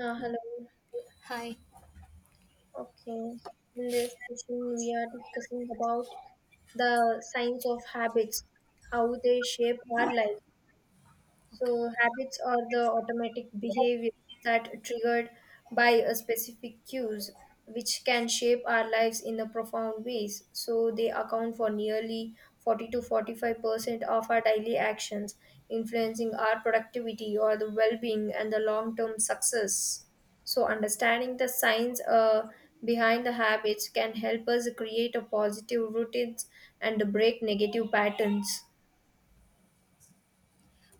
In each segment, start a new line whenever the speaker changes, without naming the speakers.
Uh,
Yeah.
hello.
Hi.
Okay. In this session, we are discussing about the science of habits, how they shape our lives.
Okay.
So, habits are the automatic behaviors that triggered by a specific cues, which can shape our lives in a profound ways. So, they account for nearly 40 to 45% of our daily actions, influencing our productivity or the well being and the long term success. So, understanding the science behind the habits can help us create a positive routines and break negative patterns.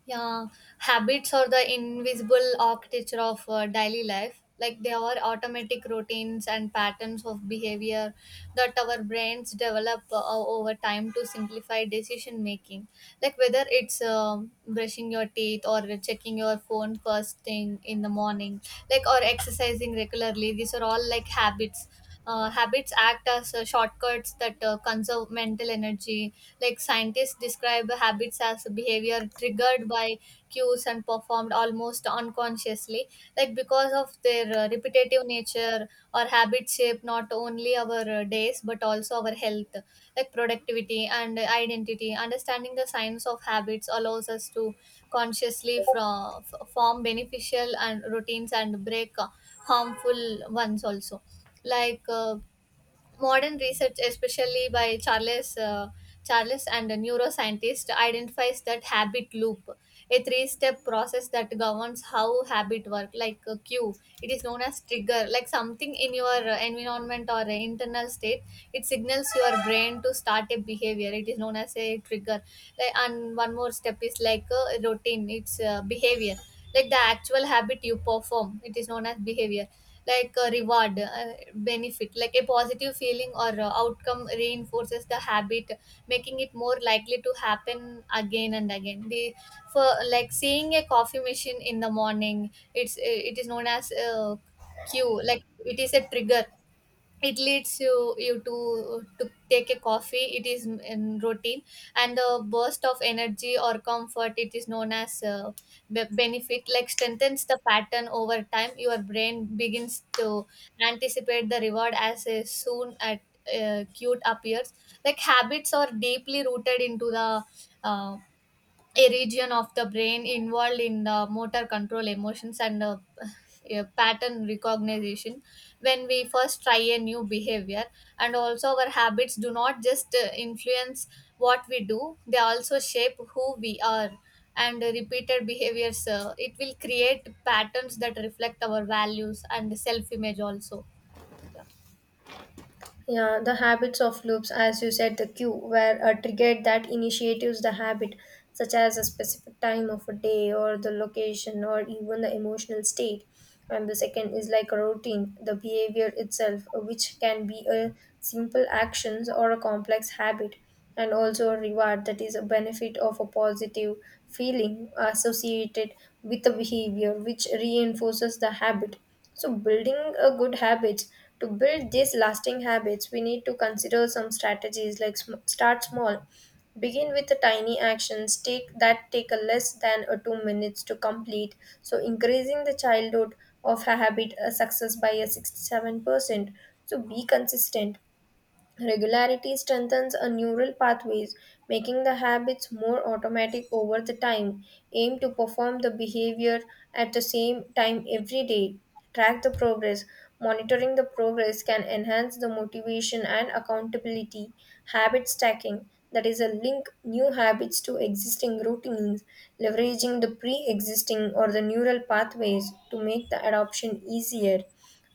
Yeah, habits are the invisible architecture of daily life. Like they are automatic routines and patterns of behavior that our brains develop over time to simplify decision making. Like whether it's brushing your teeth or checking your phone first thing in the morning, like or exercising regularly. These are all like habits. Habits act as shortcuts that conserve mental energy. Like scientists describe habits as behavior triggered by cues and performed almost unconsciously, like because of their repetitive nature, or habits shape not only our days but also our health, like productivity and identity. Understanding the science of habits allows us to consciously from, form beneficial and routines and break harmful ones also, like modern research, especially by Charles, and a neuroscientist identifies that habit loop, a three step process that governs how habit work. Like a cue, it is known as trigger, like something in your environment or internal state, it signals your brain to start a behavior, it is known as a trigger. Like, and one more step is like a routine, it's behavior, like the actual habit you perform, it is known as behavior. Like a reward, benefit, like a positive feeling or outcome reinforces the habit, making it more likely to happen again and again. The, for like seeing a coffee machine in the morning, it is known as cue, like it is a trigger, it leads you to take a coffee, it is in routine, and the burst of energy or comfort, it is known as benefit, like strengthens the pattern over time. Your brain begins to anticipate the reward as a soon at cute appears. Like habits are deeply rooted into the uh, a region of the brain, involved in the motor control, emotions, and pattern recognition when we first try a new behavior. And also, our habits do not just influence what we do, they also shape who we are, and repeated behaviors, it will create patterns that reflect our values and self image also. Yeah.
Yeah, the habits of loops, as you said, the cue where a trigger that initiates the habit, such as a specific time of a day or the location or even the emotional state, and the second is like a routine, the behavior itself, which can be a simple actions or a complex habit, and also a reward that is a benefit of a positive feeling associated with the behavior which reinforces the habit. So building a good habit, to build these lasting habits we need to consider some strategies like start small. Begin with the tiny actions take that take a less than a 2 minutes to complete. So increasing the childhood of a habit a success by a 67%. So be consistent. Regularity strengthens a neural pathways, making the habits more automatic over the time. Aim to perform the behavior at the same time every day. Track the progress. Monitoring the progress can enhance the motivation and accountability. Habit stacking, that is a link new habits to existing routines, leveraging the pre-existing or the neural pathways to make the adoption easier.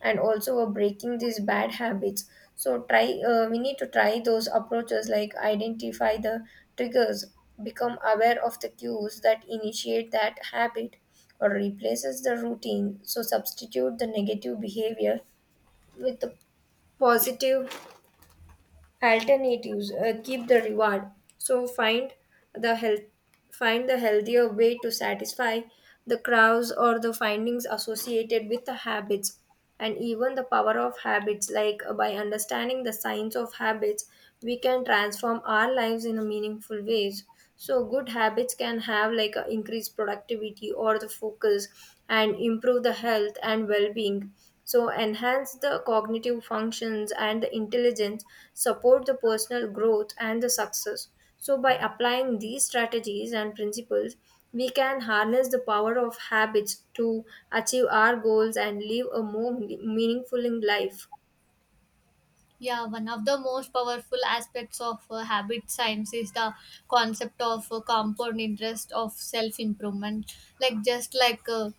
And also we're breaking these bad habits, so try we need to try those approaches like identify the triggers, become aware of the cues that initiate that habit, or replaces the routine, so substitute the negative behavior with the positive alternatives. Keep the reward, so find the health find the healthier way to satisfy the crowds or the findings associated with the habits. And even the power of habits, like by understanding the science of habits, we can transform our lives in a meaningful ways. So good habits can have like a increased productivity or the focus, and improve the health and well-being, so enhance the cognitive functions and the intelligence, support the personal growth and the success. So by applying these strategies and principles, we can harness the power of habits to achieve our goals and live a more meaningful life.
Yeah, one of the most powerful aspects of habit science is the concept of compound interest of self improvement. Like, just like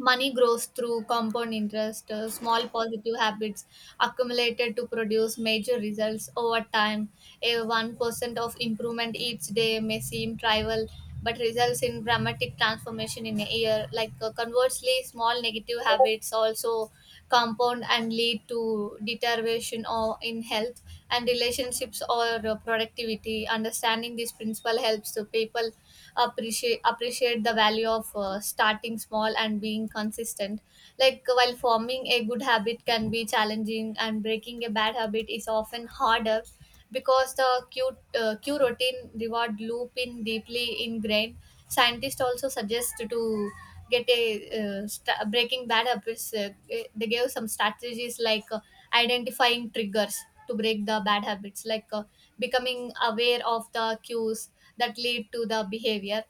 money grows through compound interest, small positive habits accumulated to produce major results over time. A 1% of improvement each day may seem trivial, but results in dramatic transformation in a year. Like conversely, small negative habits also compound and lead to deterioration or in health and relationships or productivity. Understanding this principle helps the people appreciate the value of starting small and being consistent, like while forming a good habit can be challenging and breaking a bad habit is often harder because the cue routine reward loop in deeply ingrained. Scientists also suggest to get a breaking bad habits. They gave some strategies like identifying triggers to break the bad habits, like becoming aware of the cues that lead to the behavior,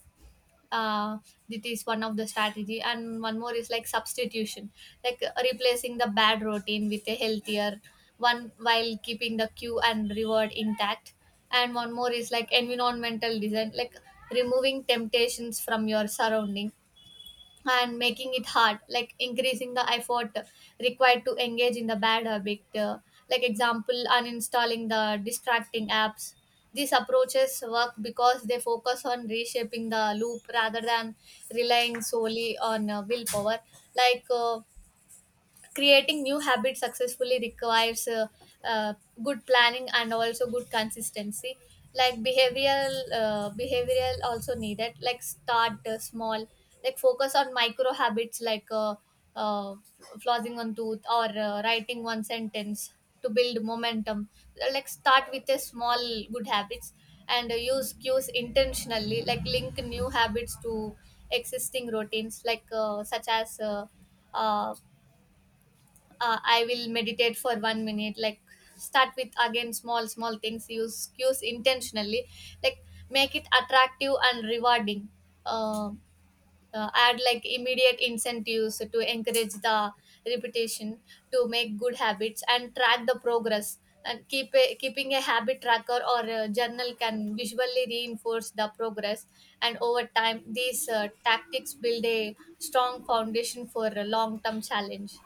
uh, that is one of the strategy. And one more is like substitution, like replacing the bad routine with a healthier one while keeping the cue and reward intact. And one more is like environmental design, like removing temptations from your surrounding and making it hard, like increasing the effort required to engage in the bad habit, like example, uninstalling the distracting apps. These approaches work because they focus on reshaping the loop rather than relying solely on willpower. Like creating new habits successfully requires uh, good planning and also good consistency. Like behavioral also needed, like start small, like focus on micro habits, like uh, flossing one tooth or writing one sentence to build momentum. Like start with a small good habits, and use cues intentionally, like link new habits to existing routines, like such as uh, I will meditate for 1 minute. Like start with again small small things, use cues intentionally. Like make it attractive and rewarding, uh, add like immediate incentives to encourage the repetition to make good habits, and track the progress. And keeping a habit tracker or a journal can visually reinforce the progress, and over time these tactics build a strong foundation for a long term challenge.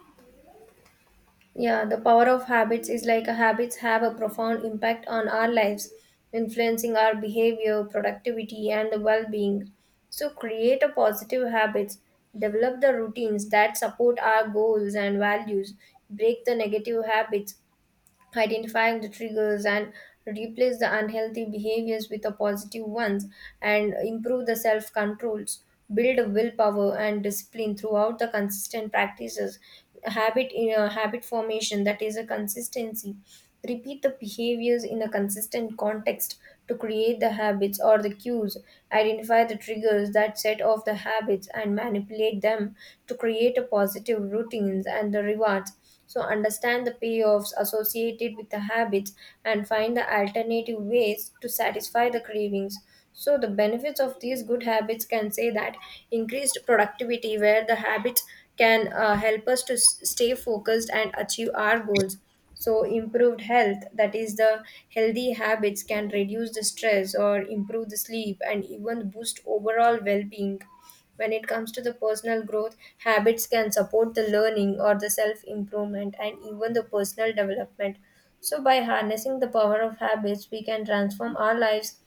Yeah, the power of habits is like habits have a profound impact on our lives, influencing our behavior, productivity, and well being. So, create a positive habits, develop the routines that support our goals and values, break the negative habits, identifying the triggers and replace the unhealthy behaviors with the positive ones, and improve the self controls, build a willpower and discipline throughout the consistent practices. Habit in a habit formation, that is a consistency, repeat the behaviors in a consistent context to create the habits or the cues, identify the triggers that set off the habits and manipulate them to create a positive routines and the rewards. So, understand the payoffs associated with the habits and find the alternative ways to satisfy the cravings. So, the benefits of these good habits can say that increased productivity, where the habits can help us to stay focused and achieve our goals. So, improved health, that is, the healthy habits can reduce the stress or improve the sleep and even boost overall well being. When it comes to the personal growth, habits can support the learning or the self improvement and even the personal development. So, by harnessing the power of habits, we can transform our lives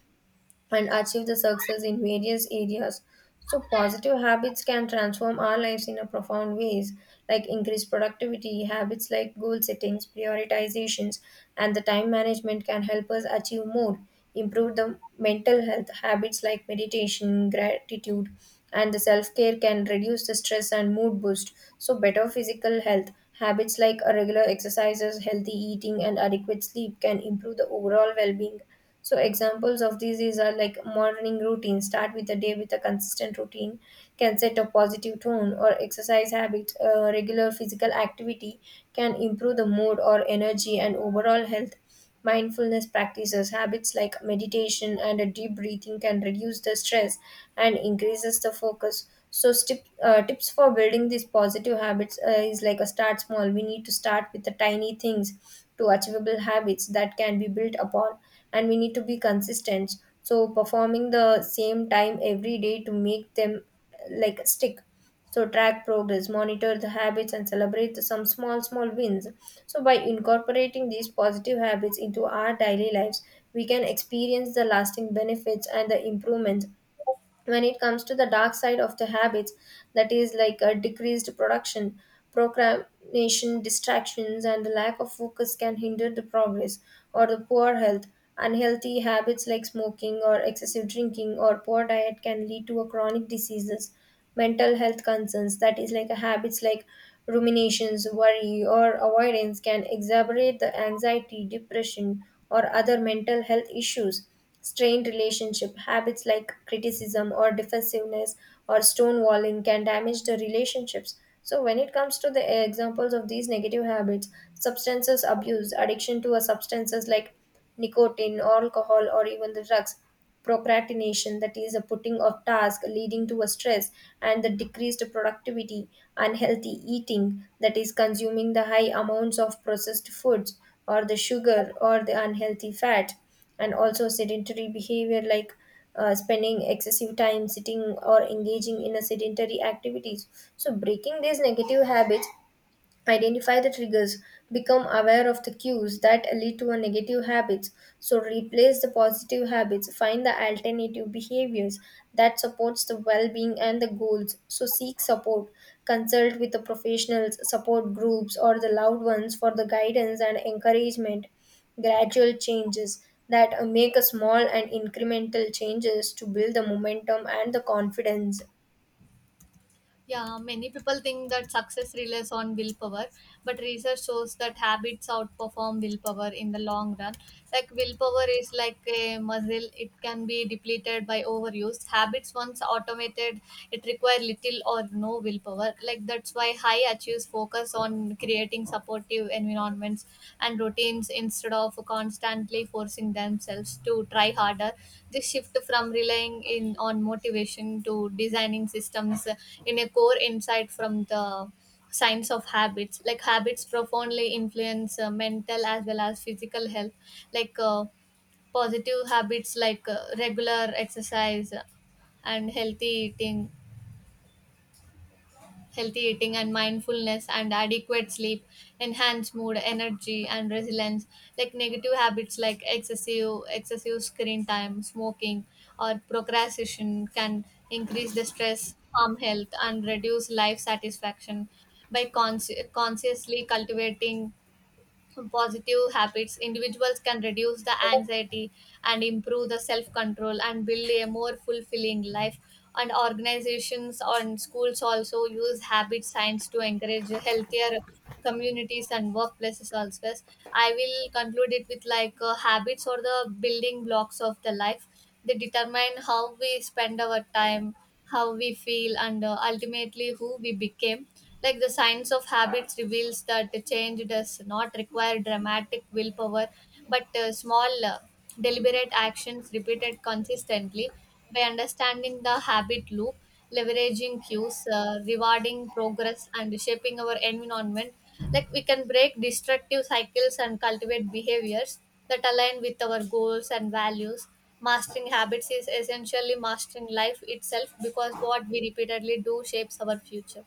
and achieve the success in various areas. So positive habits can transform our lives in a profound ways, like increased productivity, habits like goal settings, prioritizations, and the time management can help us achieve more, improve the mental health, habits like meditation, gratitude, and the self-care can reduce the stress and mood boost. So better physical health habits like a regular exercises, healthy eating, and adequate sleep can improve the overall well-being. So examples of these is are like morning routine. Start with the day with a consistent routine can set a positive tone, or exercise habits. Regular physical activity can improve the mood or energy and overall health. Mindfulness practices, habits like meditation and a deep breathing can reduce the stress and increases the focus. So, tips for building these positive habits is like a start small. We need to start with the tiny things to achievable habits that can be built upon, and we need to be consistent. So, performing the same time every day to make them like stick. So track progress, monitor the habits and celebrate the- some small wins. So by incorporating these positive habits into our daily lives, we can experience the lasting benefits and the improvements. When it comes to the dark side of the habits, that is like a decreased production, procrastination, distractions and the lack of focus can hinder the progress, or the poor health, unhealthy habits like smoking or excessive drinking or poor diet can lead to a chronic diseases. Mental health concerns, that is like a habits like ruminations, worry or avoidance can exacerbate the anxiety, depression or other mental health issues. Strained relationship, habits like criticism or defensiveness or stonewalling can damage the relationships. So when it comes to the examples of these negative habits, substances abuse, addiction to a substances like nicotine or alcohol or even the drugs, procrastination, that is a putting off task leading to a stress and the decreased productivity, unhealthy eating, that is consuming the high amounts of processed foods or the sugar or the unhealthy fat, and also sedentary behavior like spending excessive time sitting or engaging in a sedentary activities. So breaking these negative habits, identify the triggers, become aware of the cues that lead to a negative habits. So replace the positive habits, find the alternative behaviors that supports the well-being and the goals. So seek support, consult with the professionals, support groups or the loved ones for the guidance and encouragement. Gradual changes, that make a small and incremental changes to build the momentum and the confidence.
Yeah, many people think that success relies on willpower, but research shows that habits outperform willpower in the long run. Like willpower is like a muscle, it can be depleted by overuse. Habits, once automated, it require little or no willpower. Like that's why high achieves focus on creating supportive environments and routines instead of constantly forcing themselves to try harder. This shift from relying in on motivation to designing systems, in a core insight from the science of habits. Like habits profoundly influence mental as well as physical health, like positive habits like regular exercise and healthy eating and mindfulness and adequate sleep enhance mood, energy, and resilience. Like negative habits like excessive screen time, smoking, or procrastination can increase the stress, harm health, and reduce life satisfaction. By consciously cultivating positive habits, individuals can reduce the anxiety and improve the self control and build a more fulfilling life. And organizations and schools also use habit science to encourage healthier communities and workplaces also. Yes, I will conclude it with like habits or the building blocks of the life. They determine how we spend our time, how we feel, and ultimately who we became. Like the science of habits reveals that the change does not require dramatic willpower, but small deliberate actions repeated consistently. By understanding the habit loop, leveraging cues, rewarding progress, and shaping our environment, like we can break destructive cycles and cultivate behaviors that align with our goals and values. Mastering habits is essentially mastering life itself, because what we repeatedly do shapes our future.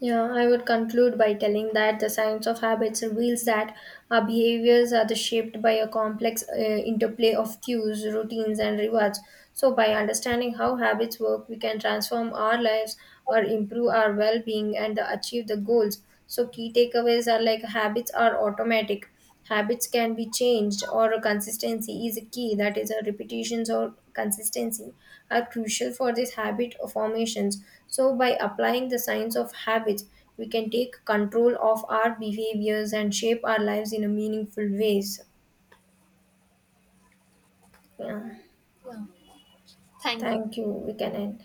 Yeah, I would conclude by telling that the science of habits reveals that our behaviors are the shaped by a complex interplay of cues, routines, and rewards. So, by understanding how habits work, we can transform our lives or improve our well being and achieve the goals. So, key takeaways are like habits are automatic. Habits can be changed, or a consistency is a key. That is, a repetitions or consistency are crucial for this habit formations. So, by applying the science of habits, we can take control of our behaviors and shape our lives in a meaningful ways. Yeah.
Yeah. Thank you.
Thank you. We can end.